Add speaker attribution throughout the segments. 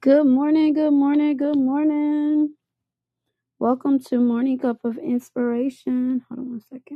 Speaker 1: Good morning, good morning, good morning. Welcome to Morning Cup of Inspiration. Hold on one second.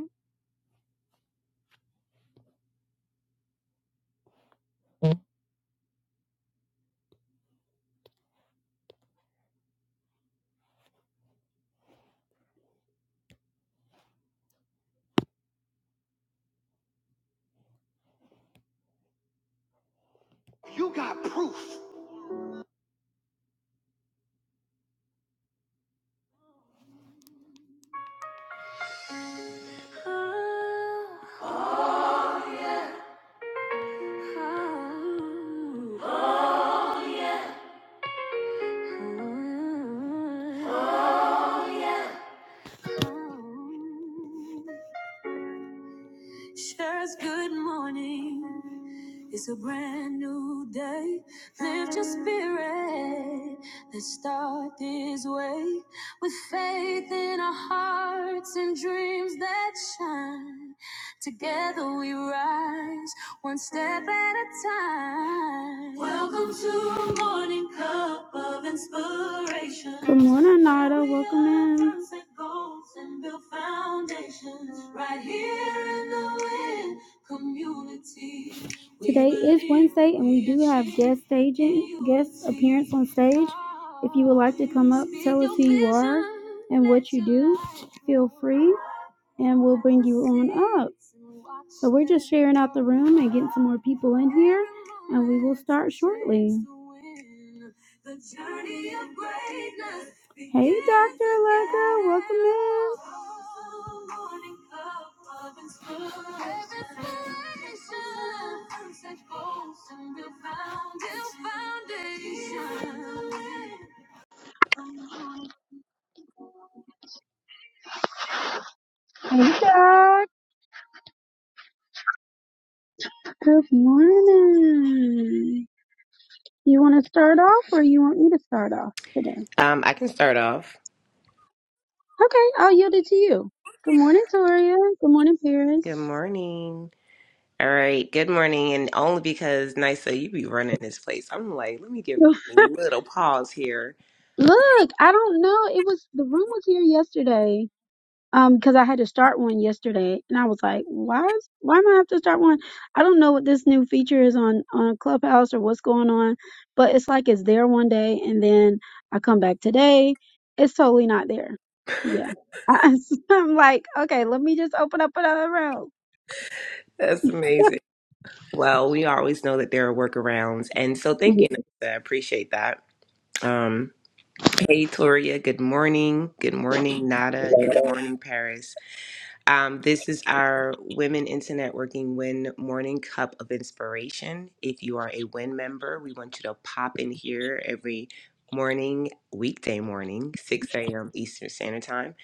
Speaker 1: on stage and we'll bring you on up. So we're just sharing out the room and getting some more people in here, and we will start shortly. Hey, Dr. Allegra, welcome in. Hey, Doc. Good morning. You want to start off, or you want me to start off today?
Speaker 2: Um, I can start off.
Speaker 1: Okay, I'll yield it to you. Good morning, Toria. Good morning, Paris.
Speaker 2: Good morning. All right. Good morning. And only because Nisa, you be running this place. I'm like, let me give her a little pause here.
Speaker 1: Look, I don't know. It was the room was here yesterday. Um, because I had to start one yesterday, and I was like, "Why is why am I have to start one? I don't know what this new feature is on on Clubhouse or what's going on, but it's like it's there one day, and then I come back today, it's totally not there. Yeah, I, am like, okay, let me just open up another room.
Speaker 2: That's amazing. Well, we always know that there are workarounds. And so thank
Speaker 1: Yeah.
Speaker 2: you, Nisa. I appreciate that. Um, hey, Toria. Good morning. Good morning, Nada. Good morning, Paris. Um, this is our Women into Networking Win Morning Cup of Inspiration. If you are a WIN member, we want you to pop in here every morning, weekday morning, 6 a.m. Eastern Standard Time.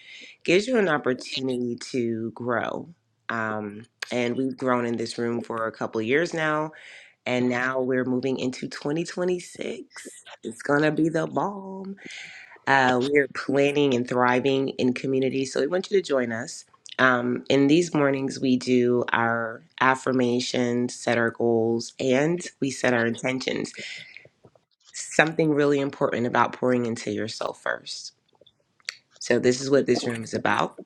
Speaker 2: Gives you an opportunity to grow. Um, and we've grown in this room for a couple years now, and now we're moving into 2026. It's gonna be the bomb. Uh, we're planning and thriving in community, so we want you to join us. Um, in these mornings, we do our affirmations, set our goals, and we set our intentions. Something really important about pouring into yourself first. So this is what this room is about.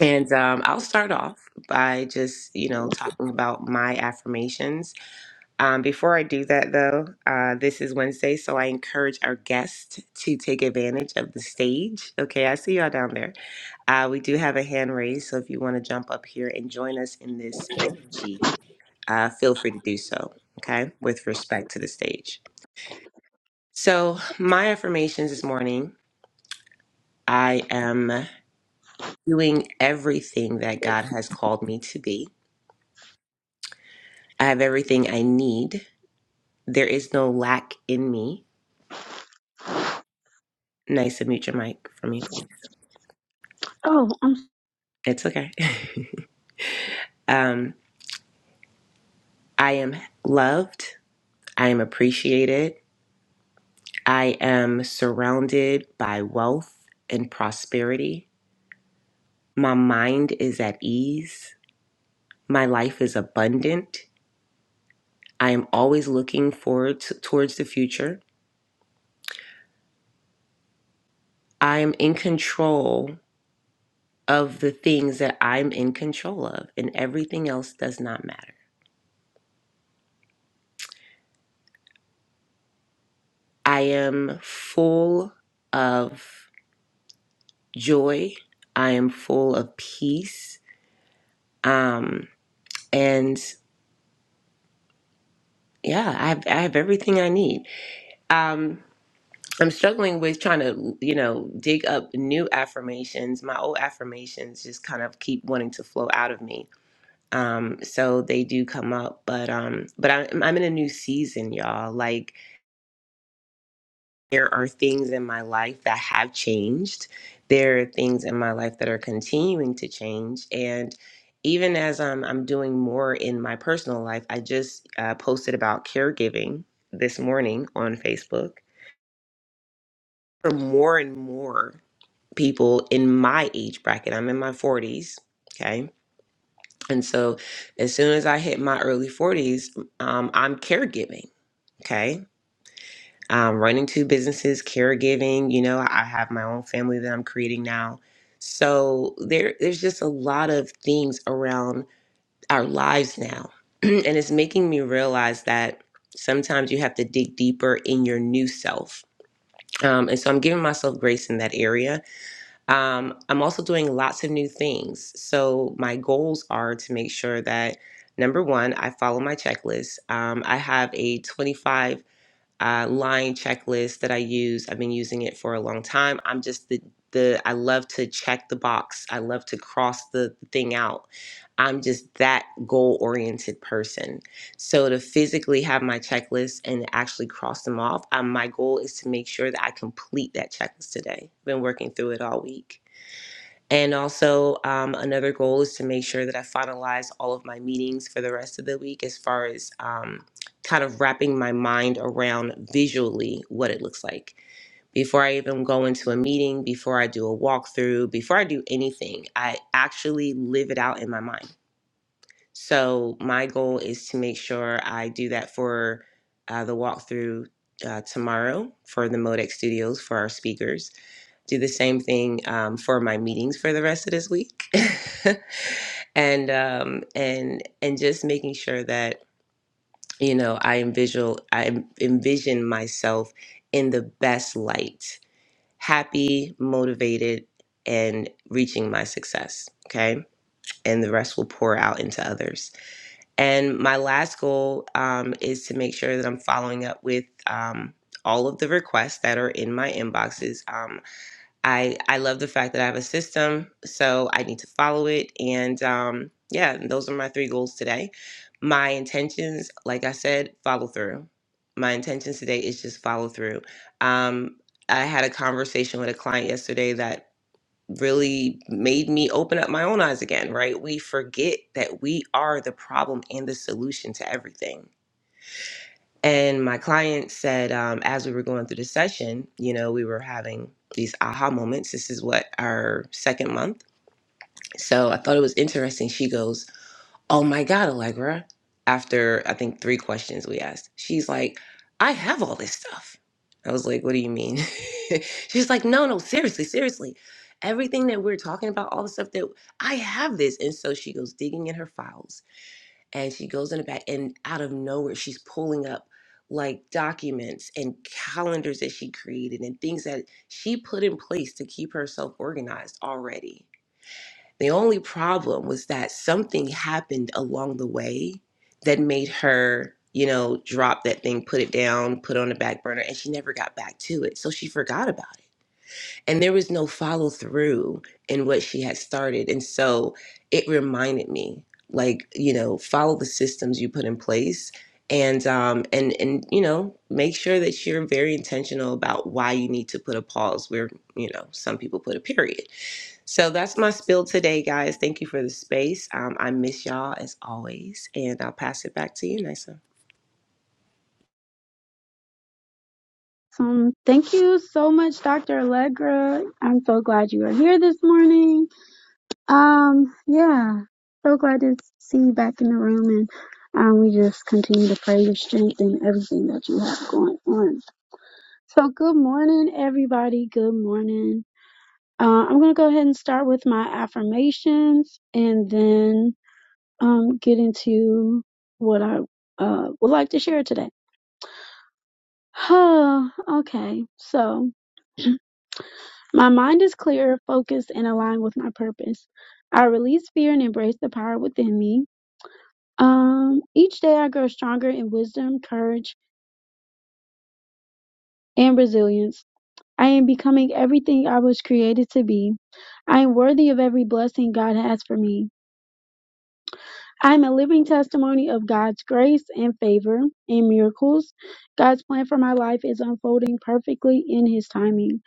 Speaker 2: And um, I'll start off by just, you know, talking about my affirmations. Um, before I do that, though, uh, this is Wednesday, so I encourage our guests to take advantage of the stage. Okay, I see y'all down there Uh, we do have a hand raised, so if you want to jump up here and join us in this energy, uh, feel free to do so, okay, with respect to the stage. So, my affirmations this morning I am doing everything that God has called me to be. I have everything I need. There is no lack in me. Nice to mute your mic for me, please.
Speaker 1: Oh, I'm
Speaker 2: It's okay. Um, I am loved. I am appreciated. I am surrounded by wealth and prosperity. My mind is at ease. My life is abundant. I am always looking forward to, towards the future. I am in control of the things that I'm in control of, and everything else does not matter. I am full of joy. I am full of peace. Um, and yeah, I have, I have everything I need. Um, I'm struggling with trying to, you know, dig up new affirmations. My old affirmations just kind of keep wanting to flow out of me. Um, so they do come up, but um, but I'm I'm in a new season, y'all. Like there are things in my life that have changed. There are things in my life that are continuing to change, and even as I'm I'm doing more in my personal life, I just uh, posted about caregiving this morning on Facebook. For more and more. people in my age bracket. I'm in my 40s. Okay. And so as soon as I hit my early 40s, um, I'm caregiving. Okay. Um, running two businesses, caregiving. You know, I have my own family that I'm creating now. So there, there's just a lot of things around our lives now. and it's making me realize that sometimes you have to dig deeper in your new self. Um, and so I'm giving myself grace in that area Um, I'm also doing lots of new things. So, my goals are to make sure that number one, I follow my checklist. Um, I have a 25 uh, line checklist that I use. I've been using it for a long time. I'm just the, the I love to check the box, I love to cross the thing out. I'm just that goal oriented person. So, to physically have my checklist and actually cross them off, um, my goal is to make sure that I complete that checklist today. I've been working through it all week. And also, um, another goal is to make sure that I finalize all of my meetings for the rest of the week as far as um, kind of wrapping my mind around visually what it looks like. Before I even go into a meeting, before I do a walkthrough, before I do anything, I actually live it out in my mind. So, my goal is to make sure I do that for uh, the walkthrough uh, tomorrow for the Modex Studios for our speakers do the same thing um, for my meetings for the rest of this week, and um, and and just making sure that you know I envision I envision myself in the best light, happy, motivated, and reaching my success. Okay, and the rest will pour out into others. And my last goal um, is to make sure that I'm following up with. Um, all of the requests that are in my inboxes. Um, I I love the fact that I have a system, so I need to follow it. And um, yeah, those are my three goals today. My intentions, like I said, follow through. My intentions today is just follow through. Um, I had a conversation with a client yesterday that really made me open up my own eyes again. Right? We forget that we are the problem and the solution to everything and my client said, um, as we were going through the session, you know, we were having these aha moments. This is what our second month. So I thought it was interesting. She goes, Oh my God, Allegra. After I think three questions we asked, she's like, I have all this stuff. I was like, What do you mean? she's like, No, no, seriously, seriously. Everything that we're talking about, all the stuff that I have this. And so she goes digging in her files and she goes in the back and out of nowhere she's pulling up like documents and calendars that she created and things that she put in place to keep herself organized already the only problem was that something happened along the way that made her you know drop that thing put it down put it on the back burner and she never got back to it so she forgot about it and there was no follow through in what she had started and so it reminded me like you know follow the systems you put in place and um and and you know make sure that you're very intentional about why you need to put a pause where you know some people put a period so that's my spill today guys thank you for the space um i miss y'all as always and i'll pass it back to you nisa
Speaker 1: Um, thank you so much, Dr. Allegra. I'm so glad you are here this morning. Um, yeah, so glad to see you back in the room, and um, we just continue to pray your strength and everything that you have going on. So, good morning, everybody. Good morning. Uh, I'm gonna go ahead and start with my affirmations, and then um, get into what I uh, would like to share today. Oh, okay, so. My mind is clear, focused, and aligned with my purpose. I release fear and embrace the power within me. Um, each day I grow stronger in wisdom, courage, and resilience. I am becoming everything I was created to be. I am worthy of every blessing God has for me. I'm a living testimony of God's grace and favor and miracles. God's plan for my life is unfolding perfectly in His timing.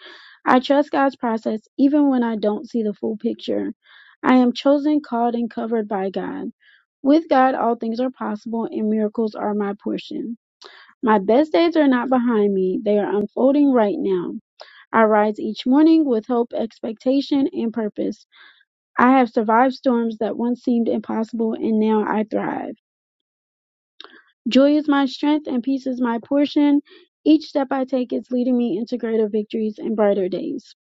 Speaker 1: I trust God's process even when I don't see the full picture. I am chosen, called, and covered by God. With God, all things are possible and miracles are my portion. My best days are not behind me, they are unfolding right now. I rise each morning with hope, expectation, and purpose. I have survived storms that once seemed impossible and now I thrive. Joy is my strength and peace is my portion. Each step I take is leading me into greater victories and brighter days.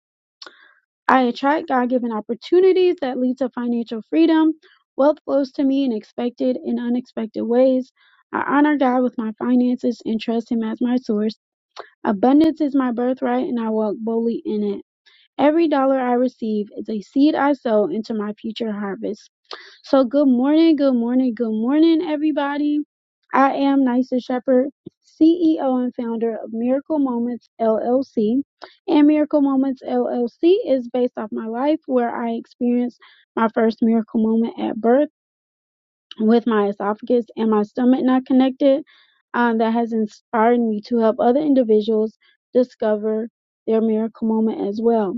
Speaker 1: I attract God given opportunities that lead to financial freedom. Wealth flows to me in expected and unexpected ways. I honor God with my finances and trust Him as my source. Abundance is my birthright and I walk boldly in it. Every dollar I receive is a seed I sow into my future harvest. So good morning, good morning, good morning, everybody. I am Nysa Shepherd, CEO and founder of Miracle Moments LLC. And Miracle Moments LLC is based off my life where I experienced my first miracle moment at birth with my esophagus and my stomach not connected um, that has inspired me to help other individuals discover their miracle moment as well.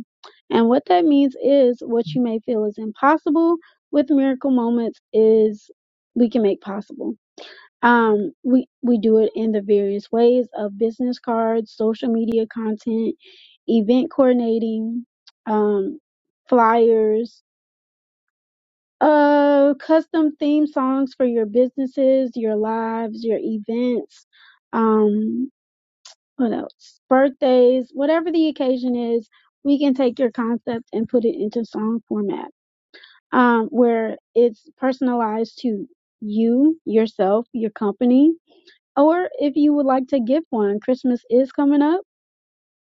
Speaker 1: And what that means is what you may feel is impossible with miracle moments is we can make possible. Um, we, we do it in the various ways of business cards, social media content, event coordinating, um, flyers, uh, custom theme songs for your businesses, your lives, your events. Um, what else? Birthdays, whatever the occasion is, we can take your concept and put it into song format. Um, where it's personalized to you, yourself, your company, or if you would like to gift one, Christmas is coming up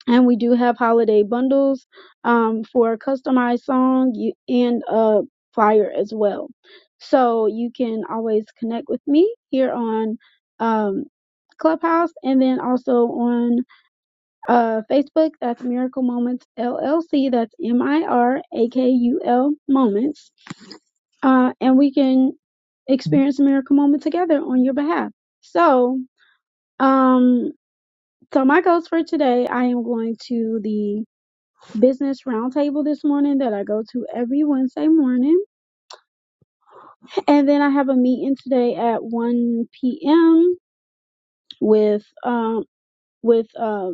Speaker 1: and we do have holiday bundles um, for a customized song you, and a flyer as well. So you can always connect with me here on um, Clubhouse and then also on uh, Facebook. That's Miracle Moments LLC. That's M I R A K U L Moments. Uh, and we can experience a miracle moment together on your behalf. So, um, so my goals for today, I am going to the business roundtable this morning that I go to every Wednesday morning. And then I have a meeting today at 1 p.m. with um with uh,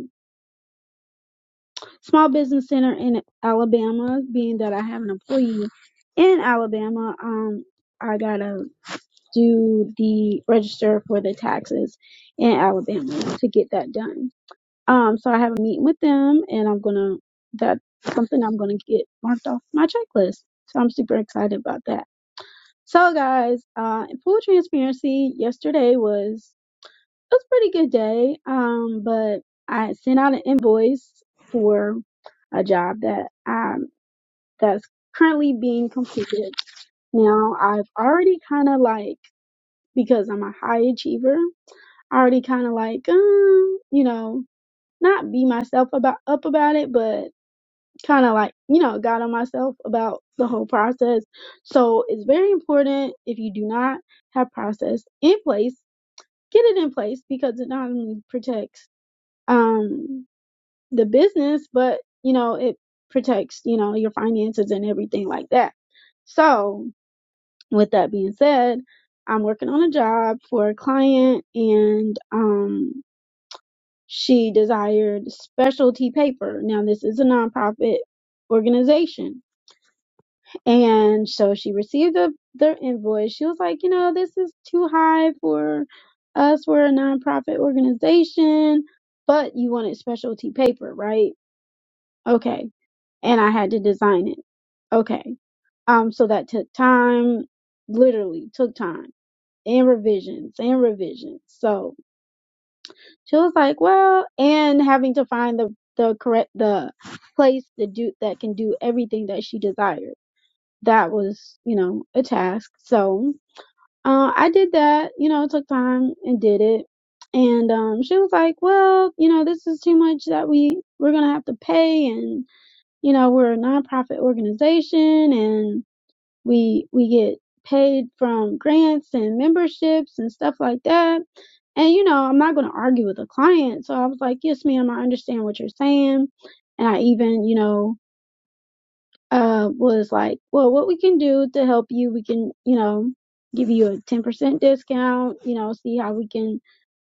Speaker 1: small business center in Alabama, being that I have an employee in Alabama, um I gotta do the register for the taxes in Alabama to get that done. Um so I have a meeting with them and I'm gonna that's something I'm gonna get marked off my checklist. So I'm super excited about that. So guys, uh, in full transparency, yesterday was it was a pretty good day. Um, but I sent out an invoice for a job that um that's currently being completed. Now I've already kind of like because I'm a high achiever, I already kind of like um, you know not be myself about up about it, but kind of like you know got on myself about the whole process so it's very important if you do not have process in place get it in place because it not only protects um the business but you know it protects you know your finances and everything like that so with that being said i'm working on a job for a client and um she desired specialty paper now this is a nonprofit organization And so she received the, the invoice. She was like, you know, this is too high for us. We're a nonprofit organization, but you wanted specialty paper, right? Okay. And I had to design it. Okay. Um, so that took time, literally took time and revisions and revisions. So she was like, well, and having to find the, the correct, the place to do that can do everything that she desired that was, you know, a task. So uh, I did that, you know, it took time and did it. And um, she was like, well, you know, this is too much that we, we're going to have to pay. And, you know, we're a nonprofit organization and we, we get paid from grants and memberships and stuff like that. And, you know, I'm not going to argue with a client. So I was like, yes, ma'am, I understand what you're saying. And I even, you know, uh, was like, well, what we can do to help you, we can, you know, give you a 10% discount, you know, see how we can,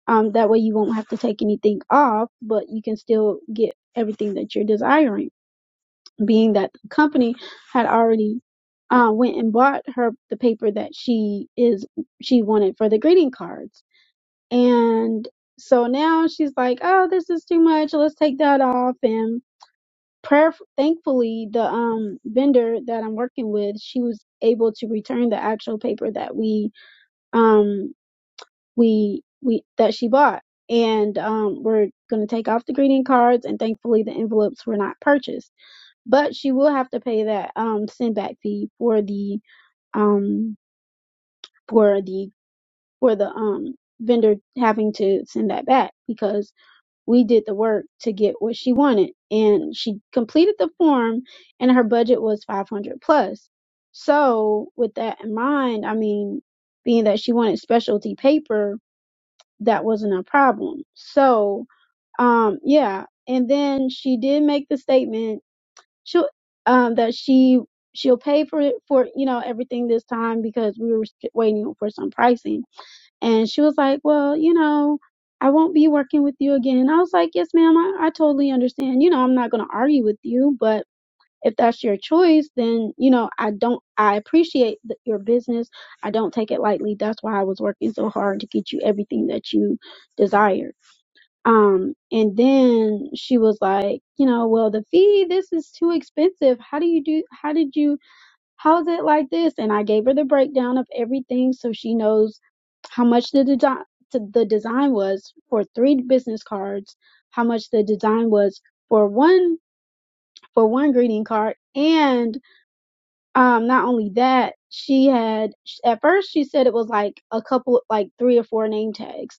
Speaker 1: um, that way you won't have to take anything off, but you can still get everything that you're desiring, being that the company had already, uh, went and bought her the paper that she is, she wanted for the greeting cards. And so now she's like, oh, this is too much. Let's take that off. and prayer thankfully the um vendor that i'm working with she was able to return the actual paper that we um we we that she bought and um we're going to take off the greeting cards and thankfully the envelopes were not purchased but she will have to pay that um send back fee for the um for the for the um vendor having to send that back because we did the work to get what she wanted and she completed the form and her budget was 500 plus so with that in mind i mean being that she wanted specialty paper that wasn't a problem so um yeah and then she did make the statement she um that she she'll pay for it for you know everything this time because we were st- waiting for some pricing and she was like, Well, you know, I won't be working with you again. And I was like, Yes, ma'am, I, I totally understand. You know, I'm not going to argue with you, but if that's your choice, then, you know, I don't, I appreciate th- your business. I don't take it lightly. That's why I was working so hard to get you everything that you desired. Um, and then she was like, You know, well, the fee, this is too expensive. How do you do, how did you? how's it like this? And I gave her the breakdown of everything so she knows how much the design the design was for three business cards, how much the design was for one for one greeting card, and um not only that, she had at first she said it was like a couple like three or four name tags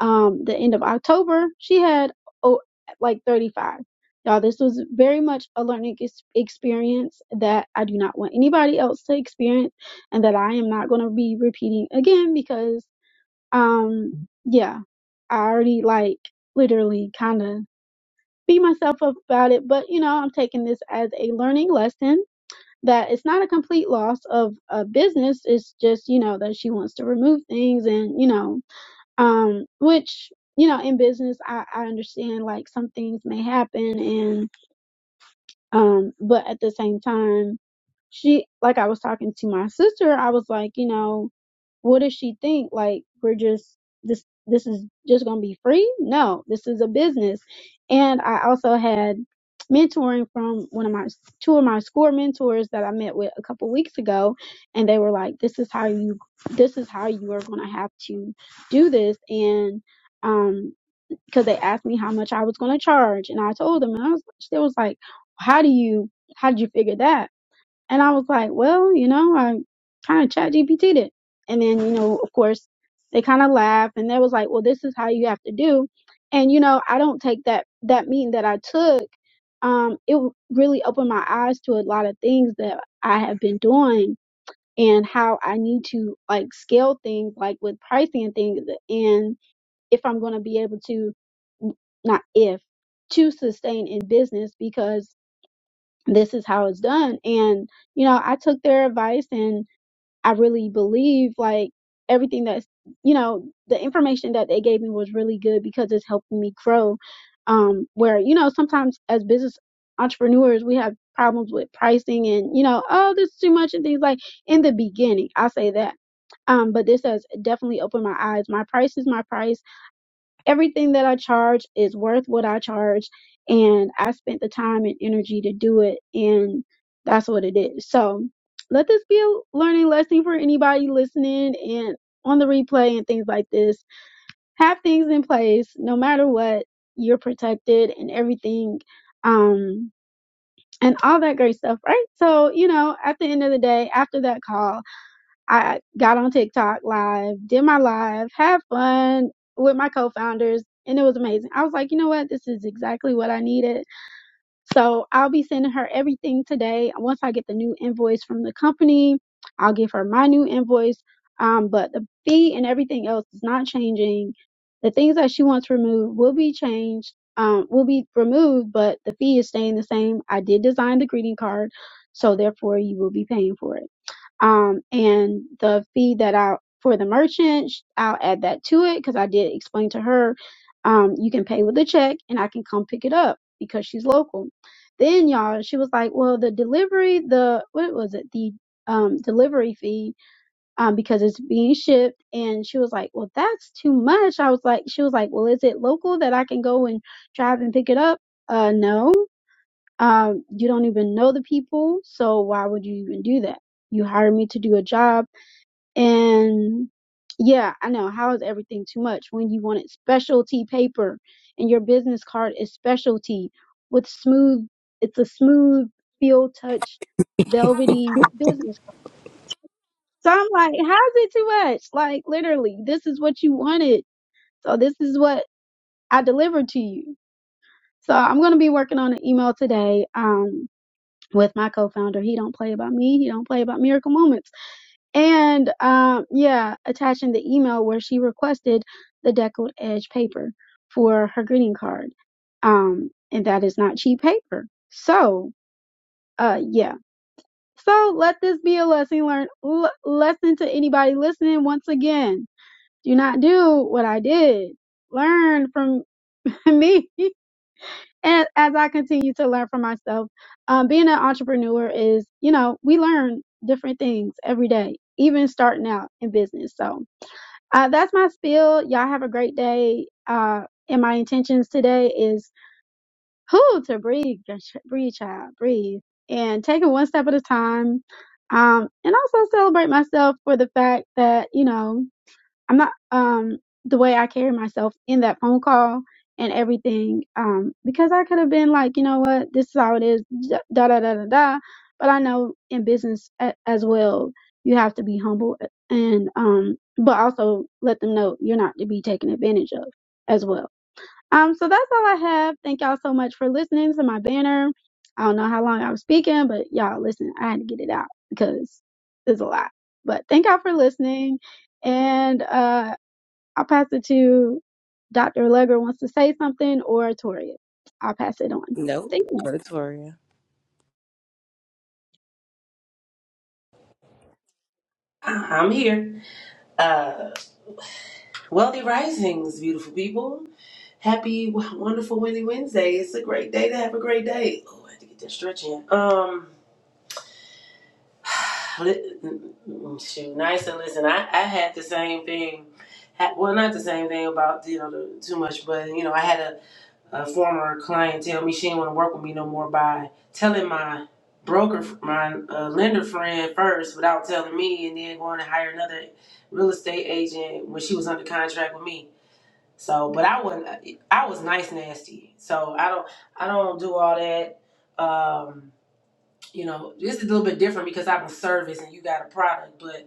Speaker 1: um the end of October, she had oh like 35. Y'all, this was very much a learning ex- experience that I do not want anybody else to experience and that I am not going to be repeating again because um yeah, I already like literally kind of beat myself up about it, but you know, I'm taking this as a learning lesson that it's not a complete loss of a business, it's just, you know, that she wants to remove things and, you know, um, which, you know, in business, I, I understand like some things may happen and um, but at the same time, she, like I was talking to my sister, I was like, you know, what does she think? Like, we're just, this, this is just going to be free? No, this is a business. And I also had mentoring from one of my, two of my score mentors that I met with a couple weeks ago. And they were like, this is how you, this is how you are going to have to do this. And, um, because they asked me how much I was going to charge, and I told them, and I was, they was like, "How do you, how did you figure that?" And I was like, "Well, you know, I kind of chat GPT'd it." And then, you know, of course, they kind of laughed, and they was like, "Well, this is how you have to do." And you know, I don't take that that meeting that I took. Um, it really opened my eyes to a lot of things that I have been doing and how I need to like scale things, like with pricing and things, And if I'm going to be able to, not if, to sustain in business because this is how it's done. And, you know, I took their advice and I really believe like everything that's, you know, the information that they gave me was really good because it's helping me grow. Um, where, you know, sometimes as business entrepreneurs, we have problems with pricing and, you know, oh, this is too much and things like in the beginning. I'll say that um but this has definitely opened my eyes my price is my price everything that I charge is worth what I charge and I spent the time and energy to do it and that's what it is. So let this be a learning lesson for anybody listening and on the replay and things like this. Have things in place no matter what, you're protected and everything um and all that great stuff, right? So, you know, at the end of the day, after that call, I got on TikTok live, did my live, had fun with my co-founders, and it was amazing. I was like, you know what? This is exactly what I needed. So I'll be sending her everything today. Once I get the new invoice from the company, I'll give her my new invoice. Um, but the fee and everything else is not changing. The things that she wants removed will be changed, um, will be removed, but the fee is staying the same. I did design the greeting card, so therefore you will be paying for it um and the fee that i for the merchant sh- i'll add that to it because i did explain to her um you can pay with a check and i can come pick it up because she's local then y'all she was like well the delivery the what was it the um delivery fee um because it's being shipped and she was like well that's too much i was like she was like well is it local that i can go and drive and pick it up uh no um, you don't even know the people, so why would you even do that? You hired me to do a job, and yeah, I know how is everything too much when you wanted specialty paper and your business card is specialty with smooth. It's a smooth feel touch, velvety business card. So I'm like, how's it too much? Like literally, this is what you wanted, so this is what I delivered to you. So I'm gonna be working on an email today. Um, with my co-founder. He don't play about me. He don't play about miracle moments. And um, yeah, attaching the email where she requested the deckled edge paper for her greeting card. Um, and that is not cheap paper. So, uh, yeah. So let this be a lesson learned l- lesson to anybody listening. Once again, do not do what I did. Learn from me and as I continue to learn for myself, um, being an entrepreneur is, you know, we learn different things every day, even starting out in business. So uh, that's my spiel. Y'all have a great day. Uh, and my intentions today is who to breathe, breathe, child, breathe, and take it one step at a time. Um, and also celebrate myself for the fact that, you know, I'm not um the way I carry myself in that phone call and everything um because I could have been like, you know what, this is how it is da da da da da. da. But I know in business a- as well, you have to be humble and um but also let them know you're not to be taken advantage of as well. Um so that's all I have. Thank y'all so much for listening to my banner. I don't know how long I was speaking, but y'all listen, I had to get it out because it's a lot. But thank y'all for listening. And uh I'll pass it to Dr. Allegra wants to say something or Toria. I'll pass it on.
Speaker 2: nope
Speaker 1: Thank you.
Speaker 2: go to Toria.
Speaker 3: Uh-huh, I'm here. Uh, wealthy risings, beautiful people. Happy, w- wonderful Winnie Wednesday. It's a great day to have a great day. Oh, I had to get that stretch in. Um, li- mm, shoot, nice and listen. I, I had the same thing. Ha- Well, not the same thing about you know the, too much, but you know I had a a former client tell me she didn't want to work with me no more by telling my broker, my uh, lender friend first without telling me, and then going to hire another real estate agent when she was under contract with me. So, but I wasn't. I was nice nasty. So I don't. I don't do all that. Um, you know, this is a little bit different because I'm a service and you got a product, but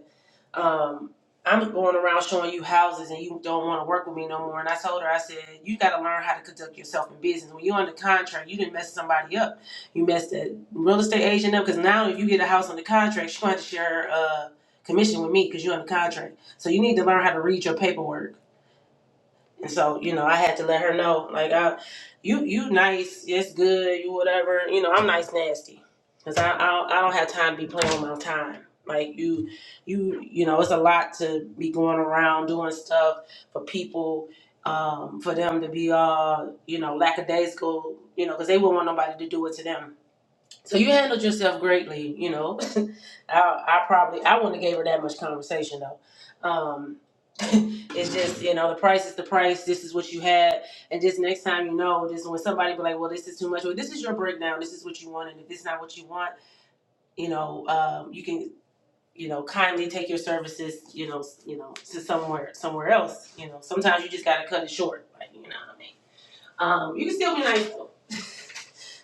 Speaker 3: um, I'm going around showing you houses and you don't want to work with me no more. And I told her, I said, you got to learn how to conduct yourself in business. When you're under contract, you didn't mess somebody up. You messed that real estate agent up because now if you get a house under contract, she's going to have to share uh, commission with me because you're under contract. So you need to learn how to read your paperwork. And so, you know, I had to let her know, like, I, you, you nice, it's good, you whatever. You know, I'm nice, nasty, cause I, I, don't- I don't have time to be playing with my time. Like you, you, you know, it's a lot to be going around doing stuff for people, um, for them to be all, you know, lackadaisical, you know, cause they wouldn't want nobody to do it to them. So you handled yourself greatly, you know. I, I probably I wouldn't have gave her that much conversation though. Um, it's just you know the price is the price. This is what you had, and just next time you know this when somebody be like, well, this is too much. Well, this is your breakdown. This is what you want, and if this is not what you want, you know, um, you can you know kindly take your services, you know, s- you know, to somewhere somewhere else. You know, sometimes you just gotta cut it short. Like, you know what I mean? Um, you can still be nice though.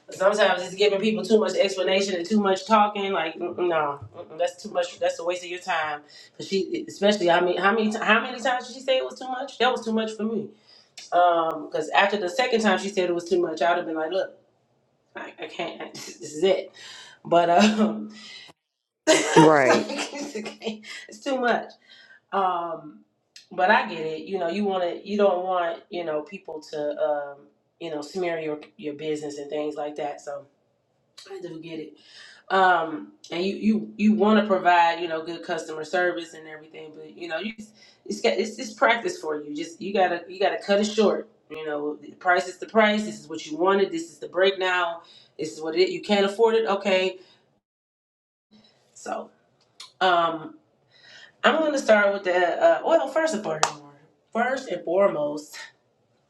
Speaker 3: But sometimes it's giving people too much explanation and too much talking. Like, mm, mm, no, mm, mm, that's too much. That's a waste of your time. Cause she, especially, I mean, how many, ti- how many times did she say it was too much? That was too much for me. Um, cause after the second time she said it was too much, I'd have been like, look, I, I can't. this is it. But um, it's
Speaker 2: Right.
Speaker 3: like, it's okay, it's too much. Um, but I get it. You know, you want to, you don't want, you know, people to, um, you know, smear your your business and things like that. So I do get it. Um, and you you you want to provide, you know, good customer service and everything, but you know, you it's got it's, it's practice for you. Just you gotta you gotta cut it short. You know, the price is the price. This is what you wanted. This is the breakdown. This is what it. You can't afford it. Okay, so um, I'm gonna start with the uh, well. First and foremost, first and foremost.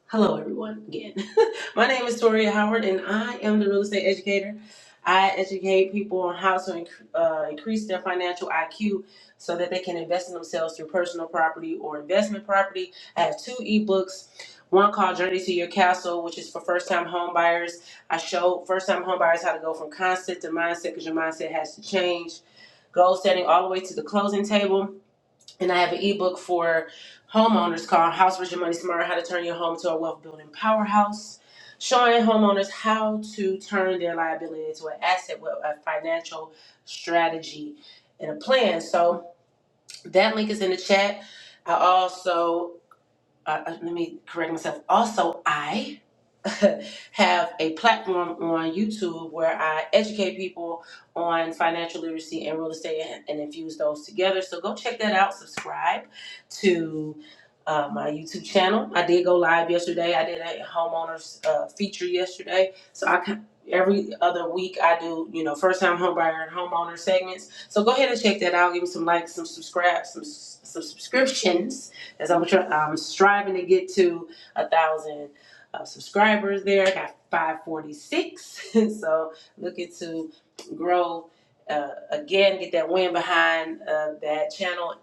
Speaker 3: Hello, everyone, again. My name is Toria Howard, and I am the real estate educator. I educate people on how to inc- uh, increase their financial IQ so that they can invest in themselves through personal property or investment property. I have two ebooks. One called Journey to Your Castle, which is for first time home buyers. I show first time home buyers how to go from concept to mindset because your mindset has to change. Goal setting all the way to the closing table and I have an ebook for homeowners called House Rich Your Money Smarter: How to Turn Your Home to a Wealth Building Powerhouse, showing homeowners how to turn their liability into an asset with a financial strategy and a plan. So that link is in the chat. I also uh, uh, let me correct myself. Also, I have a platform on YouTube where I educate people on financial literacy and real estate and, and infuse those together. So go check that out. Subscribe to uh, my YouTube channel. I did go live yesterday. I did a homeowners uh, feature yesterday. So I can, every other week I do you know first time homebuyer and homeowner segments. So go ahead and check that out. Give me some likes, some subscribe, some, some subscriptions as I'm I'm striving to get to a thousand uh, subscribers. There, I got 546, so looking to grow uh, again, get that win behind uh, that channel.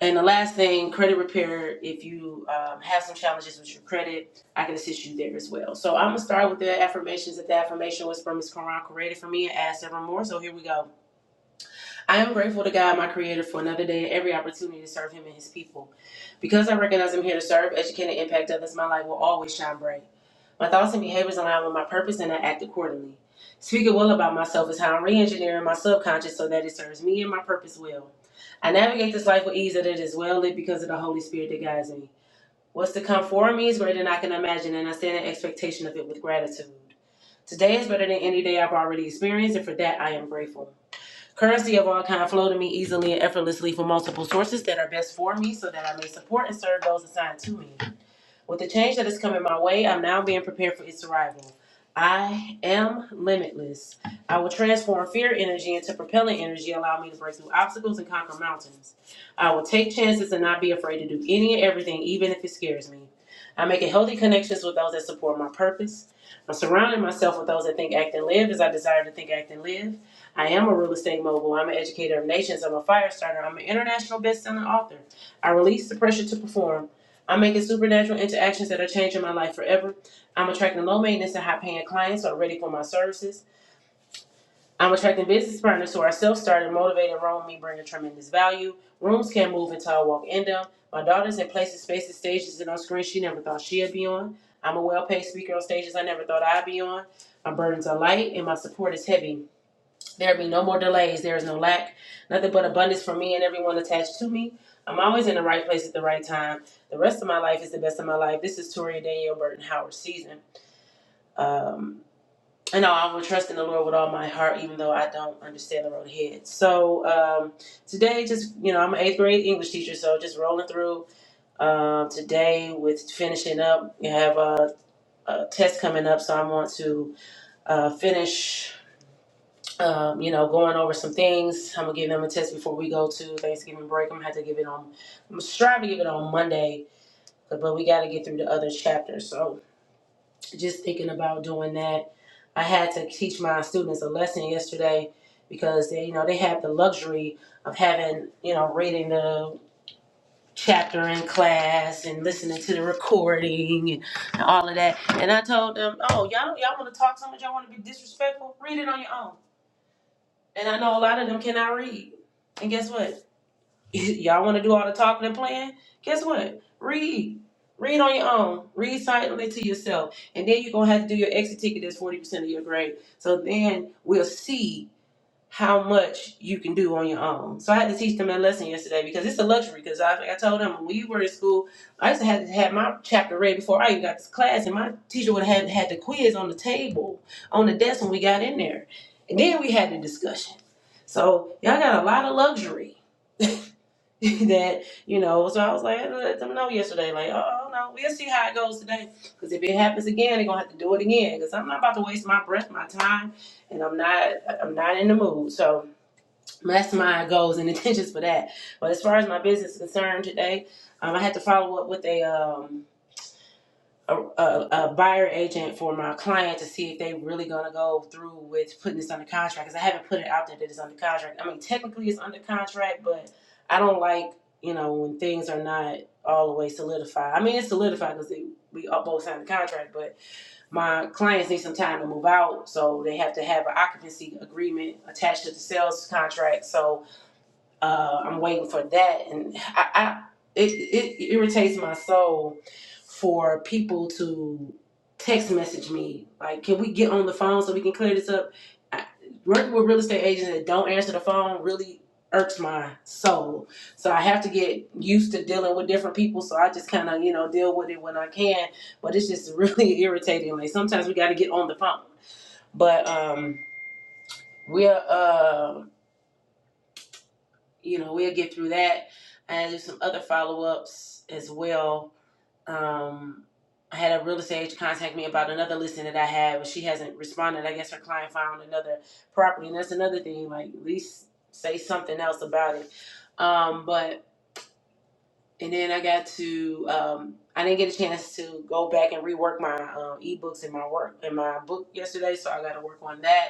Speaker 3: And the last thing, credit repair. If you um, have some challenges with your credit, I can assist you there as well. So I'm gonna start with the affirmations that the affirmation was from Ms. Quran created for me and asked several more. So here we go. I am grateful to God, my Creator, for another day and every opportunity to serve Him and His people. Because I recognize I'm here to serve, educate, and impact others, my light will always shine bright. My thoughts and behaviors align with my purpose, and I act accordingly. Speaking well about myself is how I'm re-engineering my subconscious so that it serves me and my purpose well. I navigate this life with ease, and it is well lit because of the Holy Spirit that guides me. What's to come for me is greater than I can imagine, and I stand in expectation of it with gratitude. Today is better than any day I've already experienced, and for that I am grateful. Currency of all kind flow to me easily and effortlessly from multiple sources that are best for me so that I may support and serve those assigned to me. With the change that is coming my way, I'm now being prepared for its arrival. I am limitless. I will transform fear energy into propelling energy, allowing me to break through obstacles and conquer mountains. I will take chances and not be afraid to do any and everything, even if it scares me. I'm making healthy connections with those that support my purpose. I'm surrounding myself with those that think, act, and live as I desire to think, act, and live. I am a real estate mogul. I'm an educator of nations. I'm a fire starter. I'm an international best-selling author. I release the pressure to perform. I'm making supernatural interactions that are changing my life forever. I'm attracting low maintenance and high paying clients who are ready for my services. I'm attracting business partners who are self started, motivated, around me, bringing tremendous value. Rooms can't move until I walk in them. My daughter's in places, spaces, stages, and on screens she never thought she'd be on. I'm a well paid speaker on stages I never thought I'd be on. My burdens are light and my support is heavy. There be no more delays. There is no lack, nothing but abundance for me and everyone attached to me. I'm always in the right place at the right time. The rest of my life is the best of my life. This is Toria Danielle Burton Howard season. Um, and I will trust in the Lord with all my heart, even though I don't understand the road ahead. So um, today, just you know, I'm an eighth grade English teacher, so just rolling through um, today with finishing up. You have a, a test coming up, so I want to uh, finish. um, you know, going over some things. I'm gonna give them a test before we go to Thanksgiving break. I'm gonna have to give it on. I'm gonna strive to give it on Monday, but, but we got to get through the other chapters. So just thinking about doing that. I had to teach my students a lesson yesterday because they, you know, they have the luxury of having, you know, reading the chapter in class and listening to the recording and, and all of that. And I told them, oh, y'all, y'all want to talk so much, y'all want to be disrespectful, read it on your own. And I know a lot of them cannot read. And guess what? Y'all want to do all the talking and playing? Guess what? Read. Read on your own. Read silently to yourself. And then you're going to have to do your exit ticket that's 40% of your grade. So then we'll see how much you can do on your own. So I had to teach them that lesson yesterday because it's a luxury. Because I, like I told them when we were in school, I used to have to have my chapter read before I even got to class, and my teacher would have had the quiz on the table on the desk when we got in there, and then we had the discussion. So y'all got a lot of luxury. that you know. So I was like, I let them know yesterday, like, oh oh, no, we'll see how it goes today. Because if it happens again, they're gonna have to do it again. Because I'm not about to waste my breath, my time, and I'm not, I'm not in the mood. So that's my goals and intentions for that. But as far as my business is concerned today, um, I had to follow up with a um a, a, a buyer agent for my client to see if they really gonna go through with putting this under contract. Cause I haven't put it out there that it's under contract. I mean, technically it's under contract, but I don't like you know when things are not all the way solidified. I mean, it's solidified because we all both signed the contract, but my clients need some time to move out, so they have to have an occupancy agreement attached to the sales contract. So uh, I'm waiting for that, and I, I it, it irritates my soul for people to text message me like, "Can we get on the phone so we can clear this up?" I, working with real estate agents that don't answer the phone really irks my soul. So I have to get used to dealing with different people. So I just kind of you know deal with it when I can, but it's just really irritating. Like sometimes we got to get on the phone, but um, we're uh you know, we'll get through that. And there's some other follow ups as well. Um, I had a real estate agent contact me about another listing that I had, but she hasn't responded. I guess her client found another property, and that's another thing. Like, at least say something else about it. Um, but and then I got to, um, I didn't get a chance to go back and rework my um, ebooks and my work and my book yesterday, so I got to work on that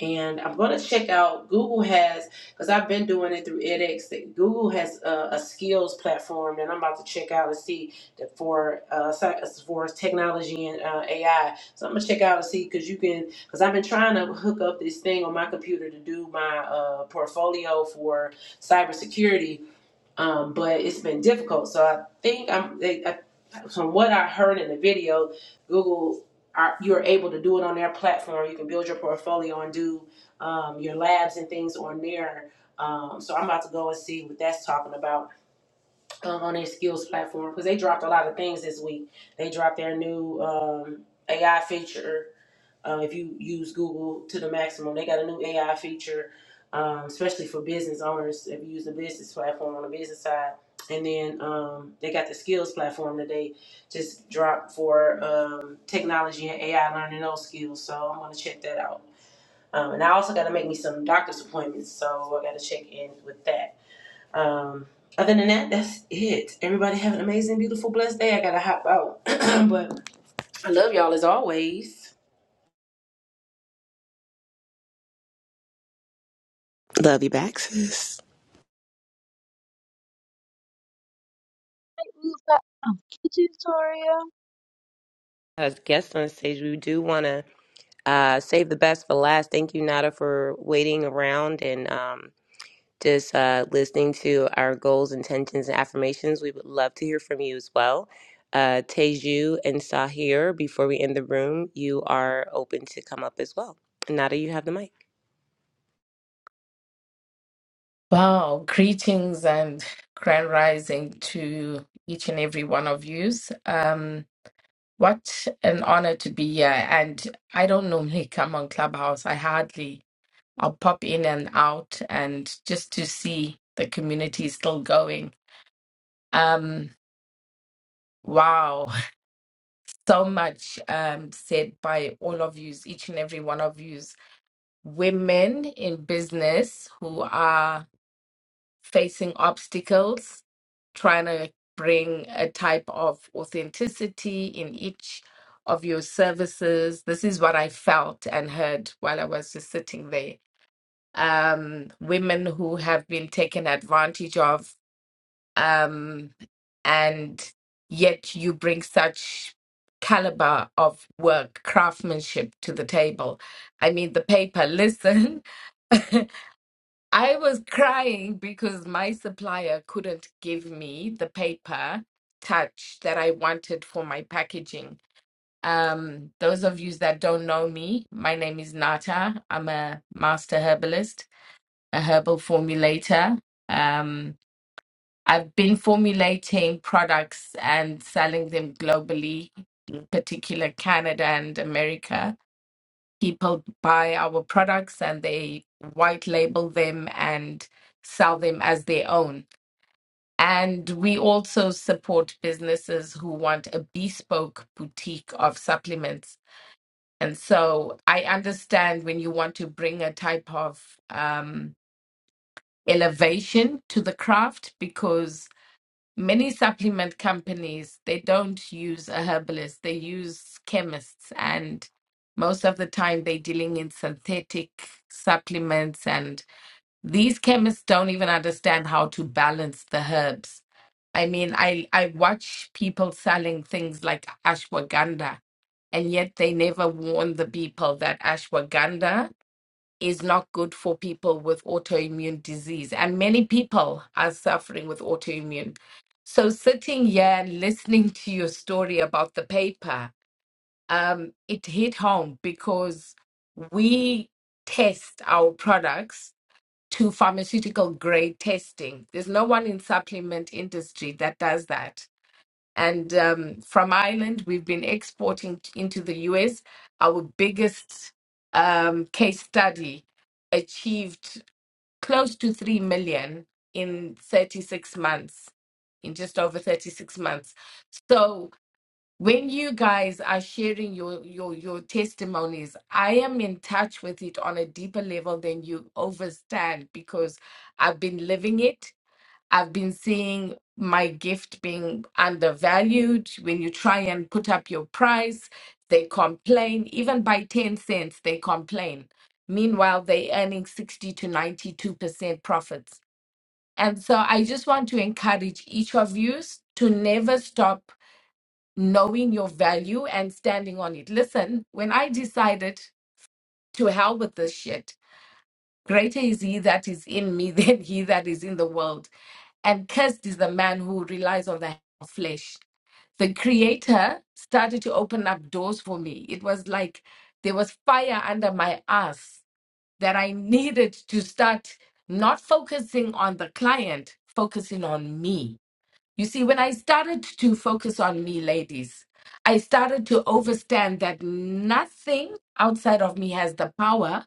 Speaker 3: and I'm going to check out Google has because I've been doing it through edX. that Google has a, a skills platform, and I'm about to check out and see that for uh, sci- as far technology and uh, AI. So I'm gonna check out and see because you can because I've been trying to hook up this thing on my computer to do my uh, portfolio for cybersecurity um, but it's been difficult. So I think I'm they, I, from what I heard in the video, Google are, you're able to do it on their platform. You can build your portfolio and do um, your labs and things on there. Um, so I'm about to go and see what that's talking about um, on their skills platform because they dropped a lot of things this week. They dropped their new um, AI feature um, if you use Google to the maximum, they got a new AI feature, um, especially for business owners. If you use the business platform on the business side, and then um, they got the skills platform that they just dropped for um, technology and AI learning those skills. So I'm gonna check that out. Um, and I also got to make me some doctor's appointments, so I got to check in with that. Um, other than that, that's it. Everybody have an amazing, beautiful, blessed day. I gotta hop out, but I love y'all as always.
Speaker 2: love you back sis i guess on stage we do want to Uh, save the best for last. Thank you, Nada, for waiting around and um, just uh, listening to our goals, intentions, and affirmations. We would love to hear from you as well. Uh, Teju and Sahir, before we end the room, you are open to come up as well. Nada, you have the mic.
Speaker 4: Wow, greetings and grand rising to each and every one of yous. Um, what an honor to be here. And I don't normally come on Clubhouse. I hardly, I'll pop in and out and just to see the community is still going. Um, wow, so much um, said by all of yous, each and every one of yous, women in business who are facing obstacles, trying to bring a type of authenticity in each of your services. This is what I felt and heard while I was just sitting there. Um, women who have been taken advantage of, um, and yet you bring such caliber of work, craftsmanship to the table. I mean, the paper, listen. I was crying because my supplier couldn't give me the paper touch that I wanted for my packaging. Um, those of you that don't know me, my name is Nata. I'm a master herbalist, a herbal formulator. Um, I've been formulating products and selling them globally, in particular Canada and America people buy our products and they white label them and sell them as their own. And we also support businesses who want a bespoke boutique of supplements. And so I understand when you want to bring a type of um, elevation to the craft because. Many supplement companies, they don't use a herbalist, they use chemists. And most of the time, they're dealing in synthetic supplements. And these chemists don't even understand how to balance the herbs. I mean, I, I watch people selling things like ashwagandha, and yet they never warn the people that ashwagandha is not good for people with autoimmune disease. And many people are suffering with autoimmune. So, sitting here and listening to your story about the paper, um, it hit home because we test our products to pharmaceutical grade testing. There's no one in supplement industry that does that. And um, from Ireland, we've been exporting t- into the US. Our biggest um, case study achieved close to 3 million in 36 months, in just over 36 months. So when you guys are sharing your, your, your testimonies, I am in touch with it on a deeper level than you overstand because I've been living it I've been seeing my gift being undervalued. When you try and put up your price, they complain. Even by 10 cents, they complain. Meanwhile, they're earning 60 to 92% profits. And so I just want to encourage each of you s- to never stop knowing your value and standing on it. Listen, when I decided to hell with this shit, Greater is he that is in me than he that is in the world. And cursed is the man who relies on the hand of flesh. The creator started to open up doors for me. It was like there was fire under my ass that I needed to start not focusing on the client, focusing on me. You see, when I started to focus on me, ladies, I started to understand that nothing outside of me has the power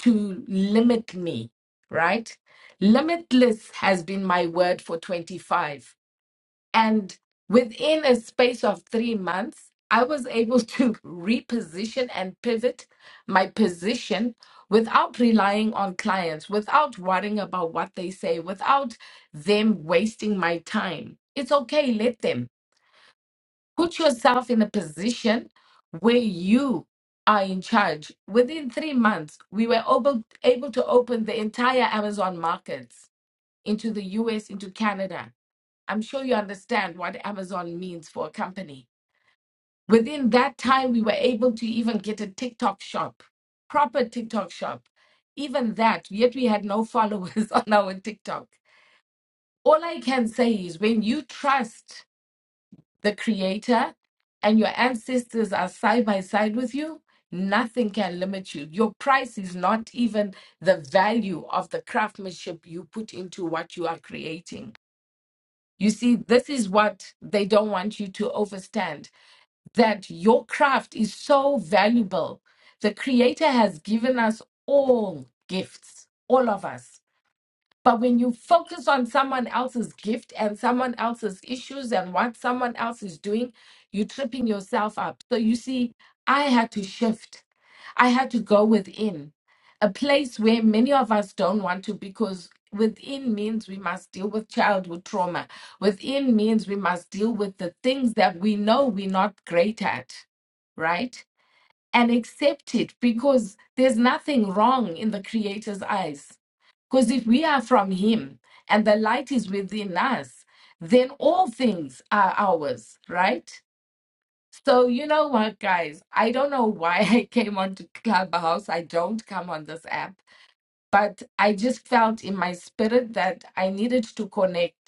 Speaker 4: to limit me, right? Limitless has been my word for 25. And within a space of three months, I was able to reposition and pivot my position without relying on clients, without worrying about what they say, without them wasting my time. It's okay, let them. Put yourself in a position where you are in charge. Within three months, we were able, able to open the entire Amazon markets into the US, into Canada I'm sure you understand what Amazon means for a company. Within that time, we were able to even get a TikTok shop, proper TikTok shop. Even that, yet we had no followers on our TikTok. All I can say is when you trust the creator and your ancestors are side by side with you, nothing can limit you. Your price is not even the value of the craftsmanship you put into what you are creating You see, this is what they don't want you to overstand that your craft is so valuable. The Creator has given us all gifts, all of us. But when you focus on someone else's gift and someone else's issues and what someone else is doing, you're tripping yourself up. So you see, I had to shift. I had to go within a place where many of us don't want to because within means we must deal with childhood trauma. Within means we must deal with the things that we know we're not great at, right? And accept it because there's nothing wrong in the Creator's eyes. Because if we are from Him and the light is within us, then all things are ours, right? So you know what, guys? I don't know why I came onto Clubhouse. I don't come on this app, but I just felt in my spirit that I needed to connect